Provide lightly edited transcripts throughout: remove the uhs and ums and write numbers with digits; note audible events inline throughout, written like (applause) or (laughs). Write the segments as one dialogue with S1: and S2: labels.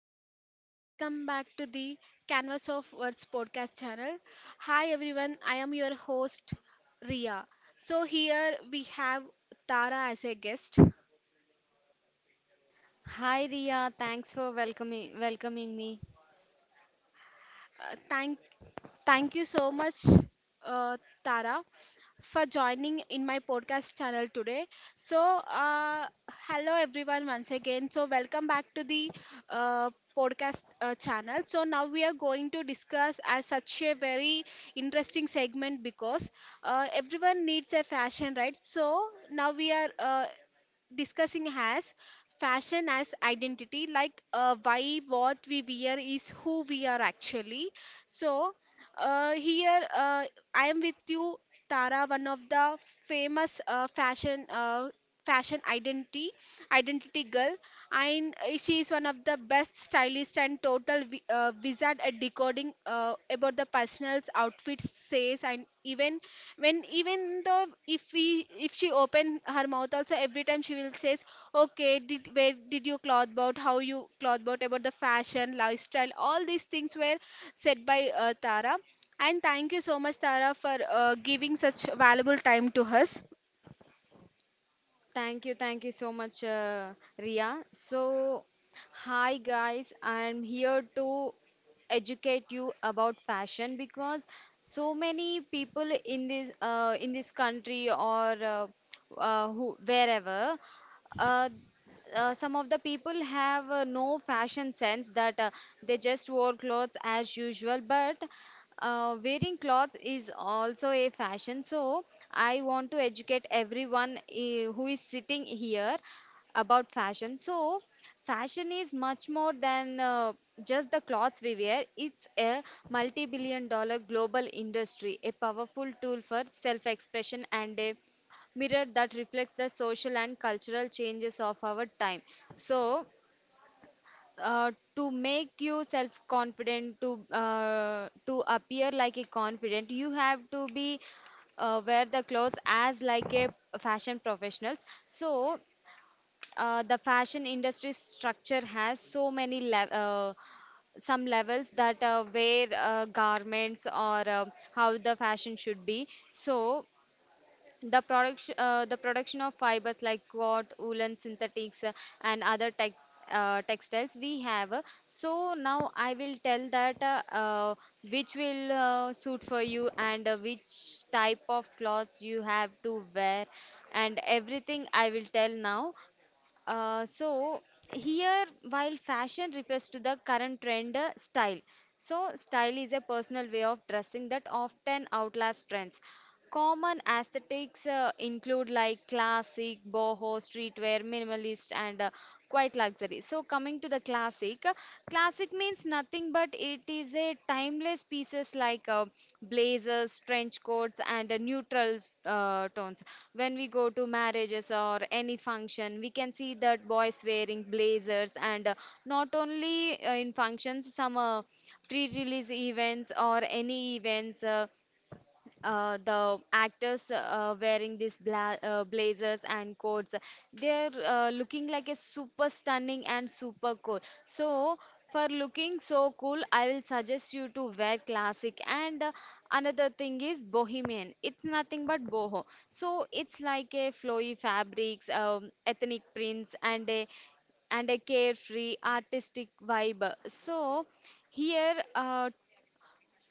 S1: everyone, welcome back to the Canvas of Words podcast channel. Hi everyone, I am your host Ria. So here we have Tara as a guest.
S2: Hi Ria, thanks for welcoming me.
S1: Uh, thank, thank you so much, uh, Tara, for joining in my podcast channel today. So, hello everyone once again. So, welcome back to the uh, podcast channel. So, now we are going to discuss as such a very interesting segment because everyone needs a fashion, right? So, now we are discussing has fashion as identity, like why what we wear is who we are actually. So here, I am with you Tara, one of the famous fashion identity girl, and she is one of the best stylist and total wizard at decoding about the personal's outfits, says. And even when, even though if we, if she open her mouth also, every time she will say, okay, did where did you cloth about how you cloth about the fashion, lifestyle, all these things were said by Tara. And thank you so much, Tara, for giving such valuable time to us.
S2: Oh, thank you so much, Ria. So, hi guys, I'm here to educate you about fashion because so many people in this country or wherever uh, some of the people have no fashion sense that they just wore clothes as usual but wearing clothes is also a fashion. So I want to educate everyone who is sitting here about fashion. So fashion is much more than just the clothes we wear. It's a multi-billion dollar global industry, a powerful tool for self-expression and a mirror that reflects the social and cultural changes of our time. So to make you self confident to appear like a confident you have to be wear the clothes as like a fashion professionals. So the fashion industry structure has so many levels that wear garments or how the fashion should be. So the production of fibers like cloth, woolen, synthetics, and other textiles we have. So now I will tell that which will suit for you and which type of clothes you have to wear, and everything I will tell now. So here, while fashion refers to the current trend, style. So, style is a personal way of dressing that often outlasts trends. Common aesthetics include like classic, boho, streetwear, minimalist, and quite luxury. So coming to the classic, means nothing but it is a timeless pieces like blazers, trench coats, and neutral tones. When we go to marriages or any function, we can see that boys wearing blazers, and not only in functions, some pre-release events or any events. The actors wearing these blazers and coats, they're looking like a super stunning and super cool. So for looking so cool, I will suggest you to wear classic. And another thing is bohemian, it's nothing but boho. So it's like a flowy fabrics, ethnic prints, and a carefree artistic vibe. So here uh,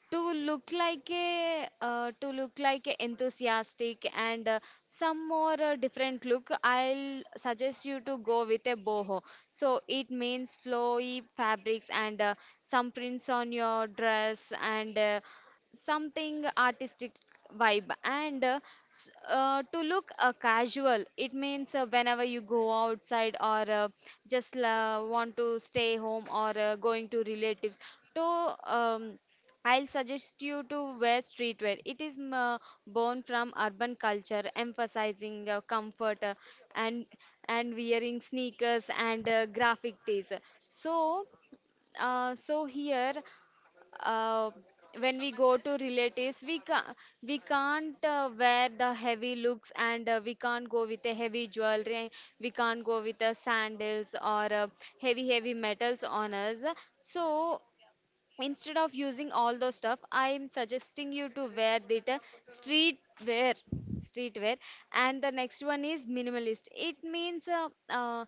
S2: to look like a uh, to look like a enthusiastic and some more different look, I'll suggest you to go with a boho. So it means flowy fabrics and some prints on your dress, and something artistic vibe. And to look casual, it means whenever you go outside, or just want to stay home, or going to relatives, to um, I'll suggest you to wear streetwear. It is born from urban culture, emphasizing comfort, and and wearing sneakers and graphic tees. So, so here, uh, when we go to relatives, we can't wear the heavy looks, and we can't go with a heavy jewelry. We can't go with the sandals or heavy metals on us. So instead of using all those stuff, I'm suggesting you to wear that uh, street wear street wear. And the next one is minimalist, it means uh,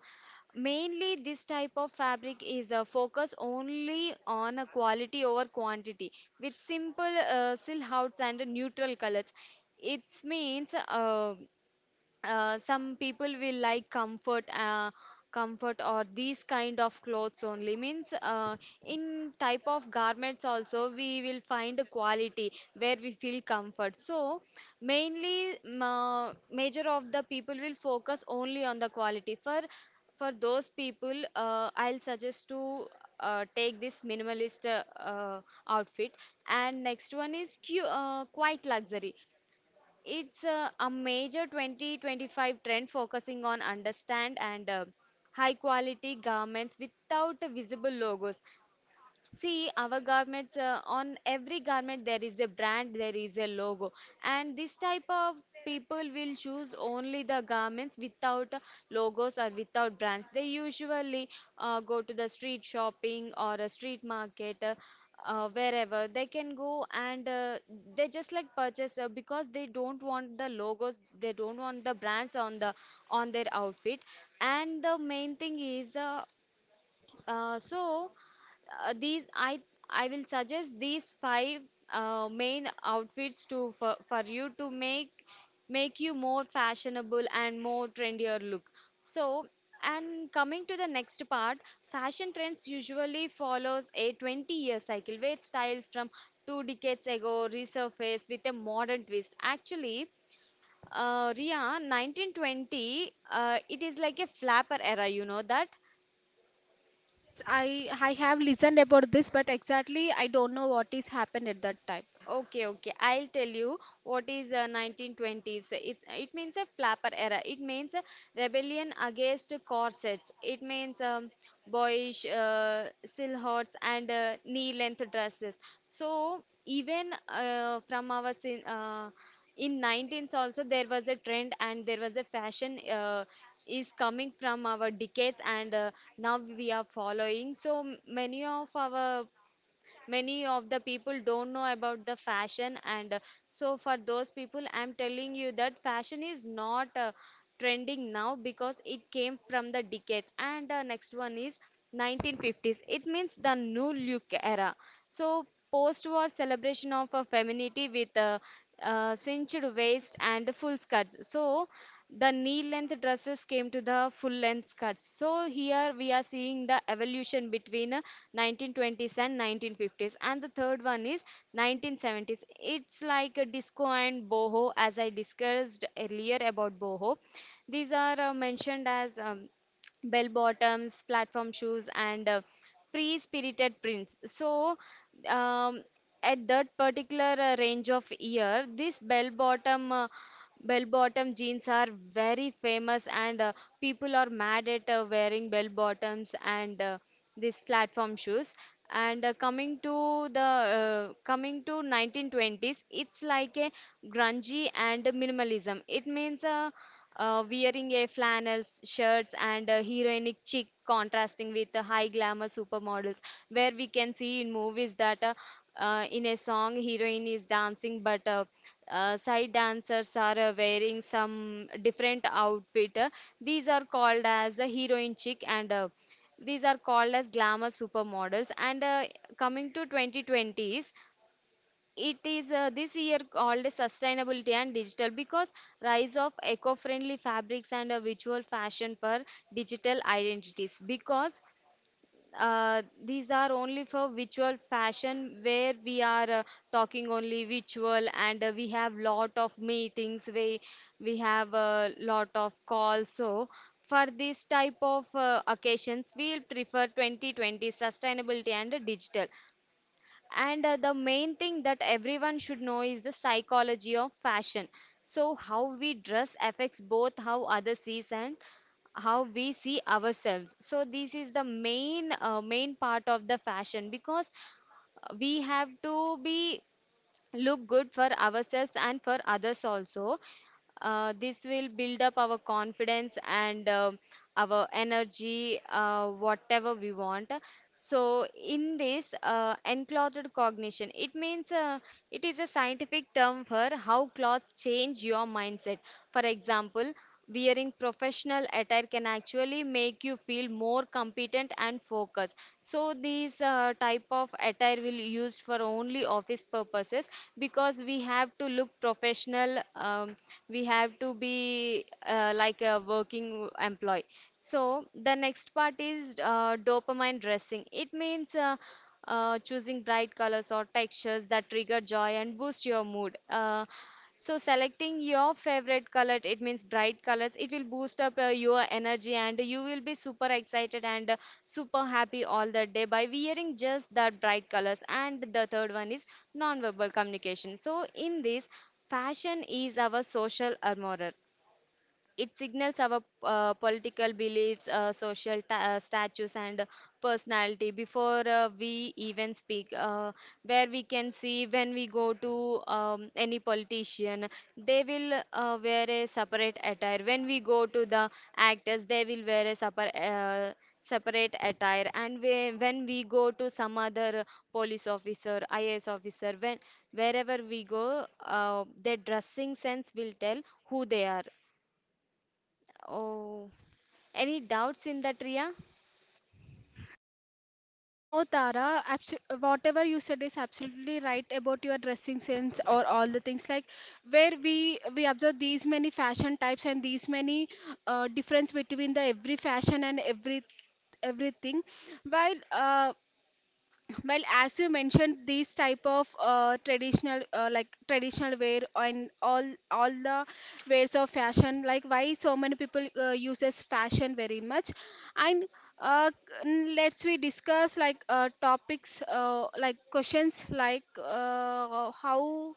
S2: mainly this type of fabric is a focus only on a quality over quantity with simple silhouettes and neutral colors. It means some people will like comfort or these kind of clothes only means in type of garments also we will find a quality where we feel comfort. So mainly ma major of the people will focus only on the quality. For those people I'll suggest to take this minimalist uh, outfit. And next one is quite luxury, it's a major 2025 trend focusing on understand and high quality garments without visible logos. See, our garments, on every garment there is a brand, there is a logo. And this type of people will choose only the garments without logos or without brands. They usually go to the street shopping or a street market. Wherever they can go, and they just like purchase because they don't want the logos, they don't want the brands on their outfit. And the main thing is uh, so these I will suggest these 5 main outfits to for you to make you more fashionable and more trendier look. So and coming to the next part, fashion trends usually follows a 20-year cycle where styles from two decades ago resurface with a modern twist. Actually, Ria, 1920, it is like a flapper era, you know that?
S1: Yes, I have listened about this, but exactly I don't know what is happened at that time.
S2: Okay, okay. I'll tell you what is 1920s. It means a flapper era. It means a rebellion against corsets. It means boyish silhouettes and knee-length dresses. So even in 19s also there was a trend and there was a fashion is coming from our decades, and now we are following. So many of our many of the people don't know about the fashion, and so for those people I'm telling you that fashion is not trending now because it came from the decades. And the next one is 1950s, it means the new look era. So post-war celebration of a femininity with cinched waist and full skirts. So the knee length dresses came to the full length skirts. So here we are seeing the evolution between 1920s and 1950s. And the third one is 1970s. It's like a disco and boho, as I discussed earlier about boho. These are mentioned as bell bottoms, platform shoes, and free spirited prints. So, um, at that particular range of year, this Bell bottom jeans are very famous, and people are mad at wearing bell bottoms and these platform shoes. And coming to 1920s, it's like a grungy and minimalism. It means wearing a flannels shirts and a heroinic chic contrasting with the high glamour supermodels, where we can see in movies that in a song heroine is dancing, but side dancers are wearing some different outfit. These are called as the heroine chic, and these are called as glamour supermodels. And coming to 2020s, it is this year called sustainability and digital, because rise of eco-friendly fabrics and a visual fashion for digital identities. Because these are only for visual fashion where we are talking only visual, and we have lot of meetings, we have a lot of calls. So for this type of occasions we will prefer 2020 sustainability and digital. And the main thing that everyone should know is the psychology of fashion. So how we dress affects both how others sees and how we see ourselves. So this is the main part of the fashion, because we have to be look good for ourselves and for others also. This will build up our confidence and our energy, whatever we want. So, in this enclothed cognition, it means it is a scientific term for how clothes change your mindset. For example, wearing professional attire can actually make you feel more competent and focused. So these type of attire will used for only office purposes, because we have to look professional. We have to be like a working employee. So the next part is dopamine dressing, it means choosing bright colors or textures that trigger joy and boost your mood. So selecting your favorite color, it means bright colors, it will boost up your energy and you will be super excited and super happy all the day by wearing just that bright colors. And the third one is non-verbal communication. So in this, fashion is our social armor. It signals our political beliefs, social status, and personality before we even speak. Where we can see, when we go to any politician, they will wear a separate attire. When we go to the actors, they will wear a separate. Separate attire. And we, when we go to some other police officer, IAS officer, when wherever we go, their dressing sense will tell who they are. Oh, any doubts in that, Ria?
S1: No, Tara, abso- whatever you said is absolutely right about your dressing sense or all the things, like where we observe these many fashion types and these many difference between the every fashion and everything. While well, as you mentioned these type of traditional like traditional wear and all the wares of fashion, like why so many people uses fashion very much. And uh, let's we discuss like topics like questions like how,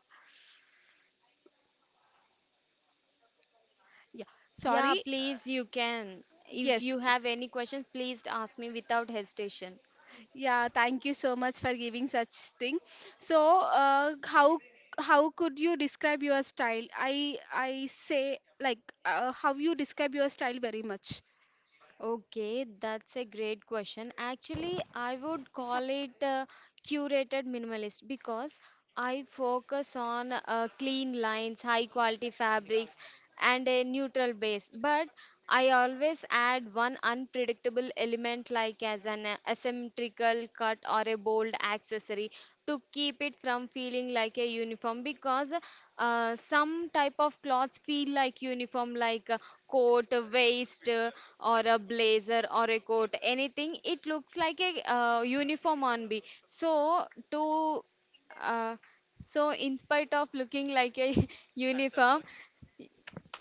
S1: yeah,
S2: Yeah,
S1: sorry.
S2: please, you can. If
S1: Yes.
S2: you have any questions, please ask me without hesitation.
S1: Yeah, thank you so much for giving such thing. So, how could you describe your style? I say, like how you describe your style very much.
S2: Okay, that's a great question. Actually, I would call it curated minimalist, because I focus on clean lines, high quality fabrics, and a neutral base. But I always add one unpredictable element, like as an symmetrical cut or a bold accessory to keep it from feeling like a uniform. Because some type of clothes feel like uniform, like a coat, a vest, or a blazer or a coat, anything, it looks like a uniform on me. So to uh, so in spite of looking like a (laughs) uniform,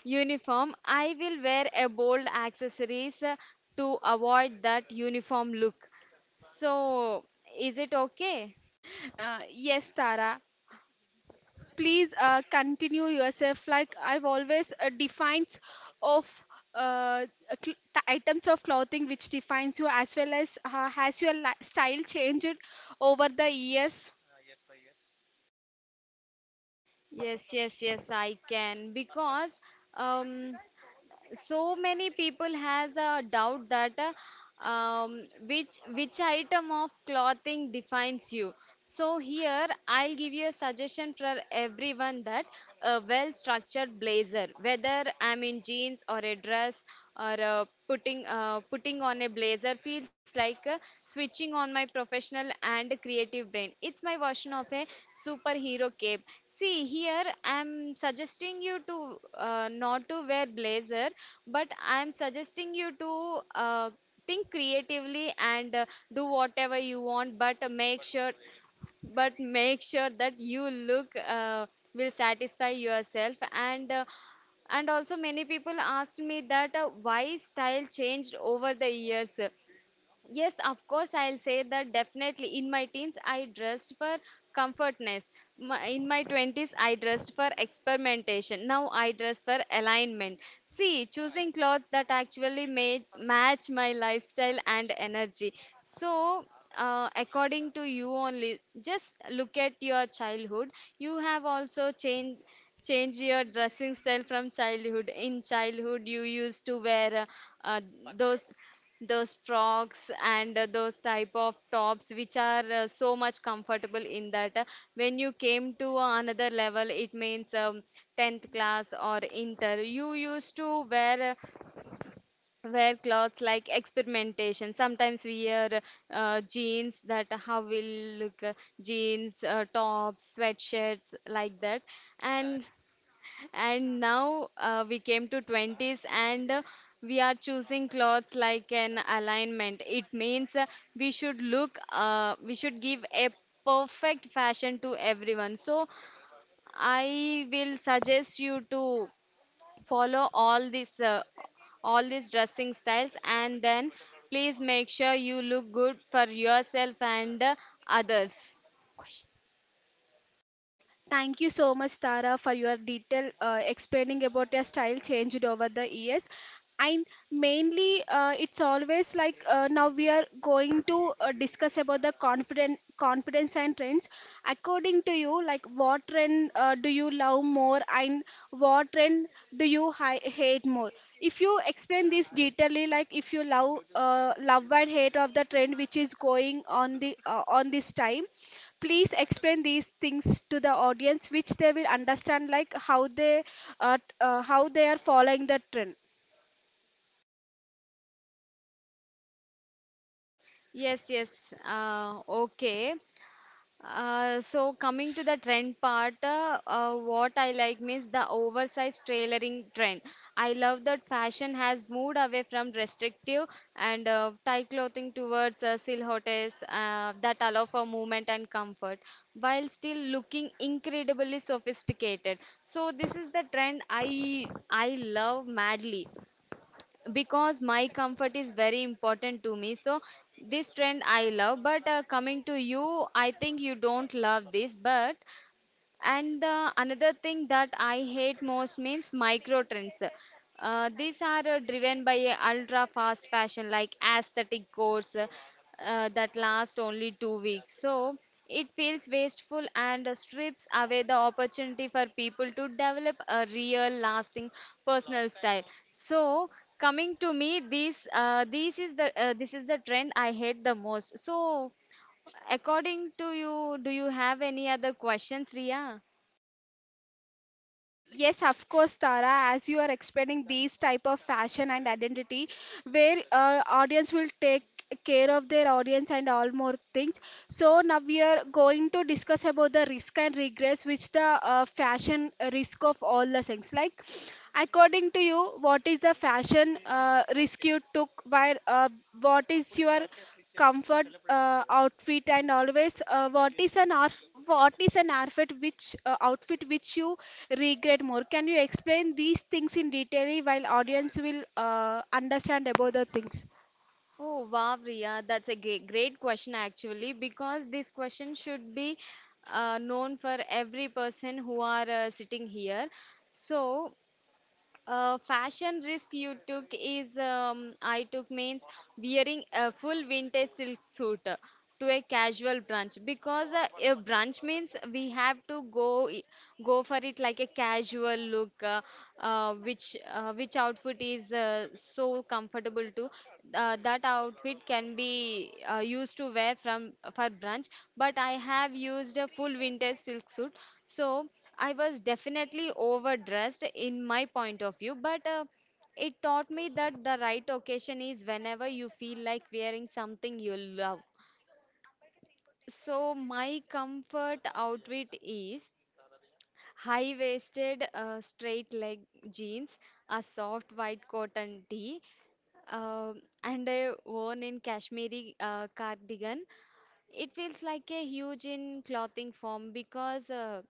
S2: uniform, I will wear a bold accessories to avoid that uniform look. So, is it okay?
S1: Yes, Tara. Please continue yourself. Like, I've always defines of uh, items of clothing which defines you, as well as has your style changed over the years.
S2: Yes, yes, yes, I can. Because um, so many people has a doubt that which item of clothing defines you. So here I'll give you a suggestion for everyone that a well structured blazer, whether I'm in jeans or a dress or a putting on a blazer, feels like switching on my professional and creative brain. It's my version of a superhero cape. See, here I'm suggesting you to not to wear blazer, but I'm suggesting you to think creatively and do whatever you want. But make sure that you look will satisfy yourself. And and also, many people asked me that why style changed over the years. Yes, of course, I'll say that definitely. In my teens, I dressed for comfortness. My, in my 20s, I dressed for experimentation. Now I dress for alignment. See, choosing clothes that actually made, match my lifestyle and energy. So, according to you only, just look at your childhood. You have also changed change your dressing style from childhood. In childhood, you used to wear uh, uh, those those frocks and those type of tops which are so much comfortable in that. When you came to another level, it means 10th class or inter, you used to wear wear clothes like experimentation. Sometimes we wear jeans. That how will look jeans, tops, sweatshirts like that. And and now we came to 20s, and we are choosing clothes like an alignment. It means we should look, we should give a perfect fashion to everyone. So I will suggest you to follow all these dressing styles and then please make sure you look good for yourself and others.
S1: Thank you so much, Tara, for your detail explaining about your style changed over the years. And mainly, it's always like. Now we are going to discuss about the confident confidence and trends. According to you, like, what trend do you love more, and what trend do you hate more? If you explain this detailedly, like if you love, love and hate of the trend which is going on the on this time, please explain these things to the audience which they will understand, like how they are following the trend.
S2: Yes, yes. Okay. So coming to the trend part, what I like means the oversized tailoring trend. I love that fashion has moved away from restrictive and tight clothing towards silhouettes that allow for movement and comfort while still looking incredibly sophisticated. So this is the trend I love madly because my comfort is very important to me. So this trend I love. But coming to you, I think you don't love this. But and the another thing that I hate most means micro trends. These are driven by a ultra fast fashion like aesthetic course, that last only 2 weeks. So it feels wasteful, and strips away the opportunity for people to develop a real lasting personal style. So coming to me, this is the trend I hate the most. So according to you, do you have any other questions, Ria?
S1: Yes, of course, Tara. As you are explaining these type of fashion and identity, where audience will take care of their audience and all more things. So now we are going to discuss about the risk and regress, which the fashion risk of all the things. Like, according to you, what is the fashion risk you took? Where, what is your comfort outfit, and always what is an art? What is an outfit which, outfit which you regret more? Can you explain these things in detail while audience will understand about the things?
S2: Oh, wow, Riya, that's a great question actually, because this question should be known for every person who are sitting here. So, fashion risk you took is, I took means wearing a full vintage silk suit to a casual brunch. Because a brunch means we have to go, go for it like a casual look, which outfit is so comfortable to, that outfit can be used to wear from for brunch. But I have used a full vintage silk suit. So I was definitely overdressed in my point of view, but it taught me that the right occasion is whenever you feel like wearing something you love. So, my comfort outfit is high waisted, straight leg jeans, a soft white cotton tee, uh, and a worn in Kashmiri cardigan. It feels like a huge in clothing form. Because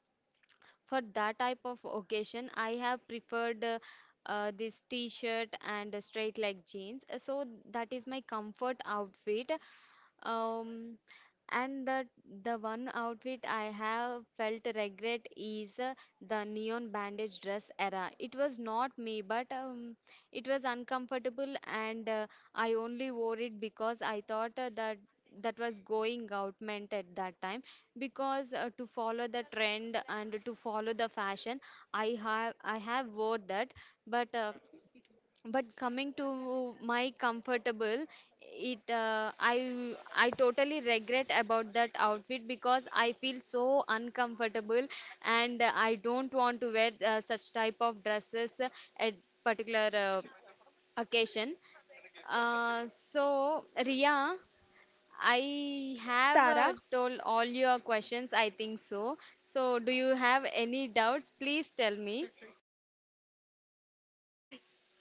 S2: for that type of occasion, I have preferred this t-shirt and a straight leg jeans. So that is my comfort outfit. um, and the one outfit I have felt regret is the neon bandage dress era. It was not me, but it was uncomfortable, and I only wore it because I thought that that was going out meant at that time. Because to follow the trend and to follow the fashion, I have wore that. But but coming to my comfortable, it I totally regret about that outfit because I feel so uncomfortable, and I don't want to wear such type of dresses at particular occasion. So Ria, I
S1: Yes,
S2: have
S1: Tara.
S2: told all your questions, I think so. So do you have any doubts? Please tell me.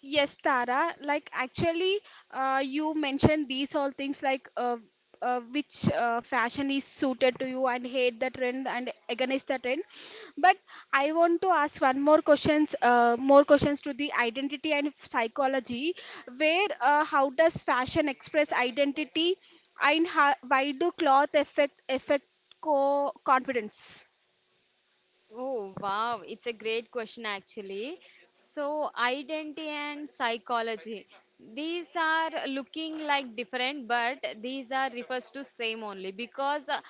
S1: Yes, Tara. Like, actually, you mentioned these all things, like which fashion is suited to you, and hate the trend and against the trend. But I want to ask one more questions to the identity and psychology. Where, how does fashion express identity, and how, why do cloth affect co confidence?
S2: Oh, wow. It's a great question, actually. So, identity and psychology. These are looking like different, but these are refers to same only. Because uh,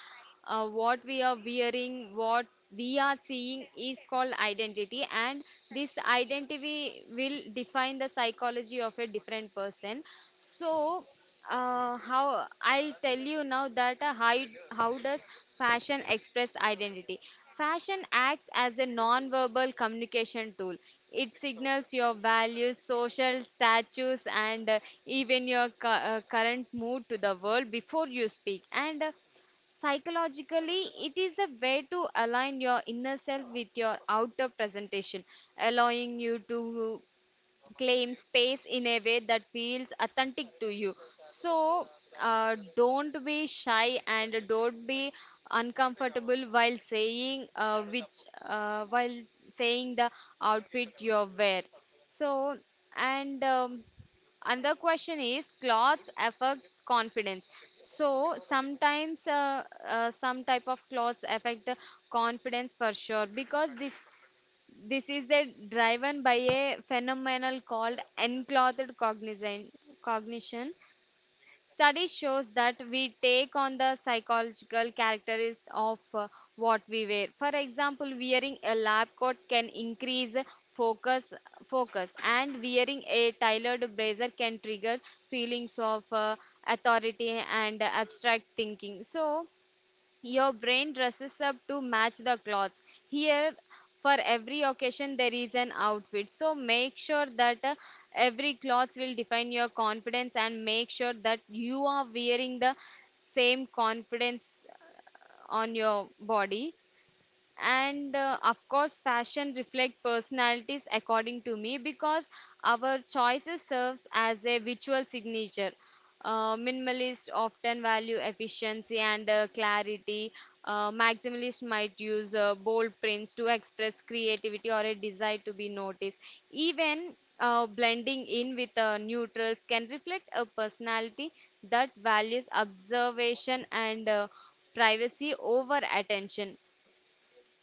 S2: uh, what we are wearing, what we are seeing is called identity, and this identity will define the psychology of a different person. So, how I'll tell you now that how does fashion express identity? Fashion acts as a non-verbal communication tool. It signals your values, social status, and even your current mood to the world before you speak. And psychologically, it is a way to align your inner self with your outer presentation, allowing you to claim space in a way that feels authentic to you. So don't be shy and don't be uncomfortable while saying which while saying the outfit you wear. So and another question is clothes affect confidence. So sometimes some type of clothes affect the confidence for sure. Because this is the driven by a phenomenon called enclothed cognizant, cognition. Study shows that we take on the psychological characteristics of what we wear. For example, wearing a lab coat can increase focus, focus, and wearing a tailored blazer can trigger feelings of authority and abstract thinking. So, your brain dresses up to match the clothes. Here, for every occasion, there is an outfit. So make sure that every clothes will define your confidence and make sure that you are wearing the same confidence on your body. And of course, fashion reflect personalities according to me. Because our choices serves as a visual signature. Minimalist often value efficiency and clarity. Maximalist might use bold prints to express creativity or a desire to be noticed. Even blending in with neutrals can reflect a personality that values observation and privacy over attention.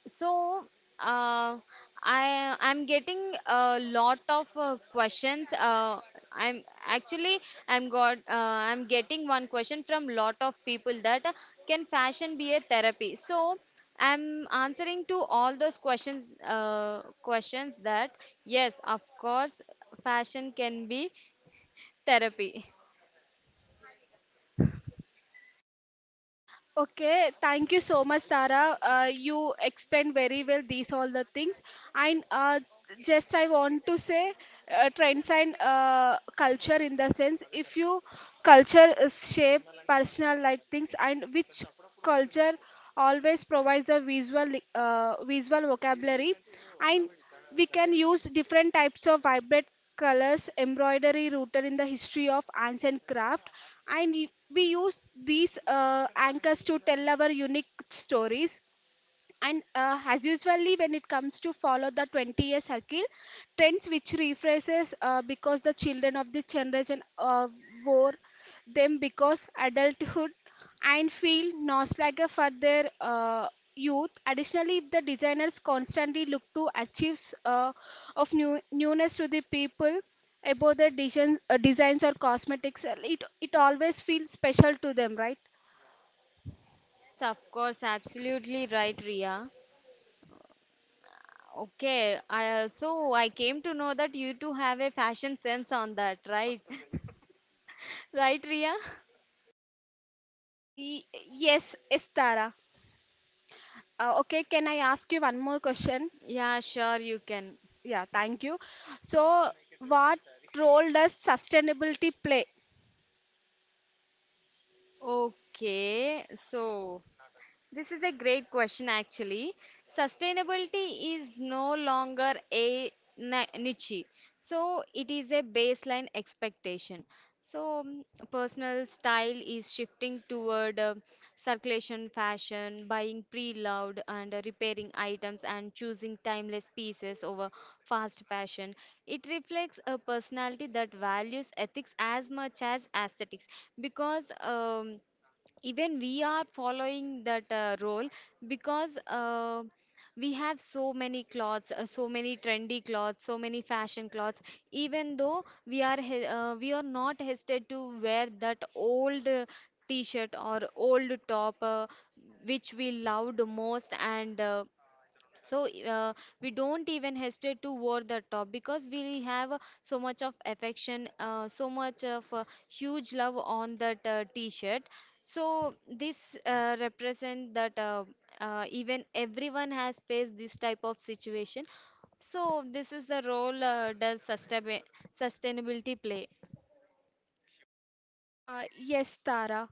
S2: So, uh, I'm getting a lot of questions. I'm actually, I'm getting one question from lot of people that can fashion be a therapy? So I'm answering to all those questions questions that yes, of course, fashion can be therapy.
S1: Okay, thank you so much, Tara. You explained very well these all the things. And just I want to say, trends and culture, in the sense, if you culture is shape personal like things, and which culture always provides a visual vocabulary, and we can use different types of vibrant colors, embroidery rooted in the history of ancient craft, and we use these anchors to tell our unique stories. And as usually, when it comes to follow the 20-year circle, trends which rephrases, because the children of this generation wore them because adulthood and feel nostalgia for their youth. Additionally, if the designers constantly look to achieve uh, newness to the people about their design, designs or cosmetics, it always feels special to them, right?
S2: Yes, of course, absolutely right, Ria. Okay, so I came to know that you two have a fashion sense on that, right? (laughs) Right, Ria?
S1: Y- yes, Estara. Okay, can I ask you one more question?
S2: Yeah, sure, you can.
S1: Yeah, thank you. So, what role does sustainability play?
S2: Okay, so this is a great question actually. Sustainability is no longer a niche, so it is a baseline expectation. So, personal style is shifting toward circulation fashion, buying pre-loved and repairing items and choosing timeless pieces over fast fashion. It reflects a personality that values ethics as much as aesthetics. Because even we are following that role. Because we have so many clothes, so many trendy clothes, so many fashion clothes. Even though we are not hesitant to wear that old t-shirt or old top, which we loved most. And so uh, we don't even hesitate to wear the top because we have so much of affection, so much of huge love on that t-shirt. So this represent that even everyone has faced this type of situation. So this is the role does sustainability play.
S1: Yes, Tara.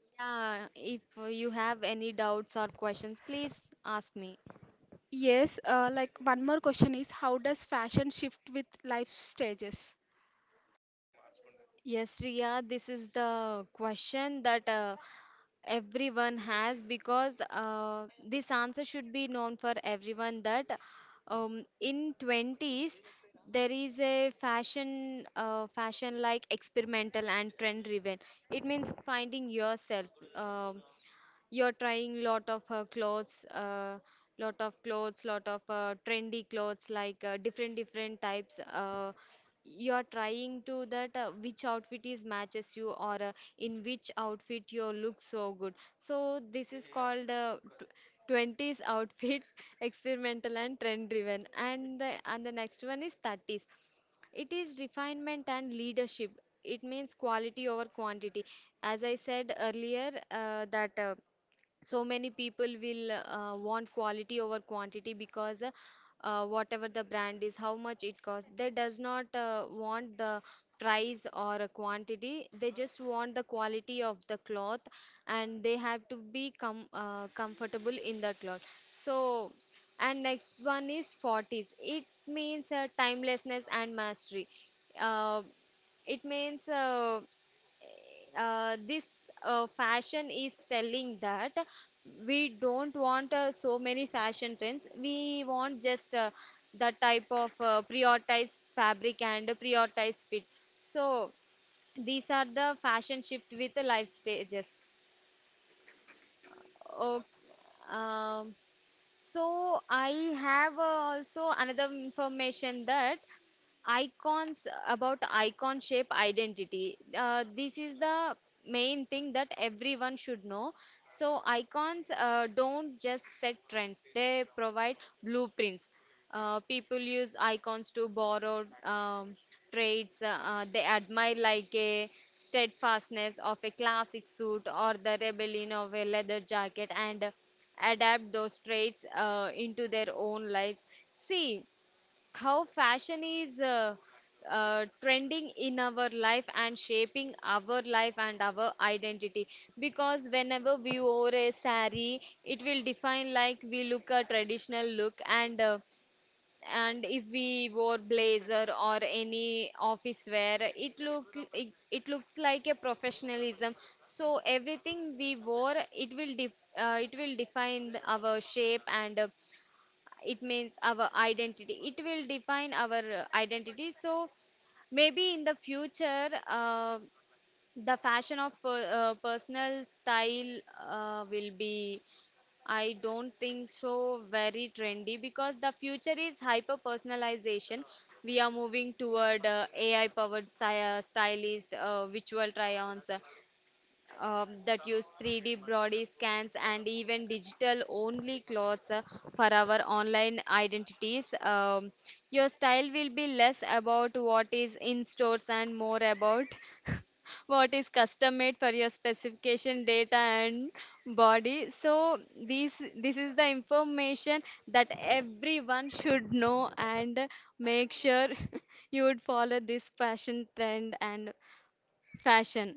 S2: Yeah, if you have any doubts or questions, please ask me.
S1: Yes, like one more question is, how does fashion shift with life stages?
S2: Yes, Riya, this is the question that everyone has. Because this answer should be known for everyone that in 20s there is a fashion like experimental and trend driven. It means finding yourself. Um, you're trying lot of clothes, lot of clothes, lot of trendy clothes, like different different types. You're trying to that which outfit is matches you, or in which outfit you look so good. So this is called 20s outfit (laughs) experimental and trend driven. And the next one is 30s. It is refinement and leadership. It means quality over quantity. As I said earlier that so many people will want quality over quantity. Because whatever the brand is, how much it costs, they does not want the price or a quantity. They just want the quality of the cloth, and they have to be comfortable in the cloth. So and next one is 40s. It means timelessness and mastery. uh, it means this fashion is telling that we don't want so many fashion trends. We want just the type of prioritized fabric and prioritized fit. So these are the fashion shift with the life stages. Okay. um, so I have also another information that icons, about icon shape identity, this is the main thing that everyone should know. So icons don't just set trends, they provide blueprints. People use icons to borrow traits they admire, like a steadfastness of a classic suit or the rebellion of a leather jacket, and adapt those traits into their own lives. See how fashion is trending in our life and shaping our life and our identity. Because whenever we wore a sari, it will define, like, we look a traditional look. And and if we wore blazer or any office wear, it looks like a professionalism. So everything we wore, it will it will define our shape. And it means our identity, it will define our identity. So maybe in the future, the fashion of personal style will be, I don't think so very trendy. Because the future is hyper personalization. We are moving toward AI powered stylist, virtual try ons that use 3D body scans and even digital only clothes for our online identities. Your style will be less about what is in stores and more about (laughs) what is custom made for your specification data and body. So this this is the information that everyone should know, and make sure (laughs) you would follow this fashion trend and fashion.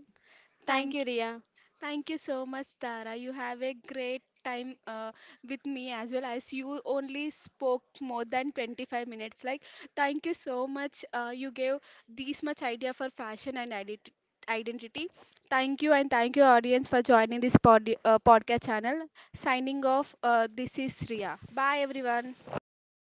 S2: Thank
S1: Thank
S2: you, Ria.
S1: Thank you so much, Tara. You have a great time with me, as well as you only spoke more than 25 minutes. Like, thank you so much. You gave this much idea for fashion and identity. Thank you, and thank you, audience, for joining this podcast channel. Signing off, this is Ria. Bye, everyone.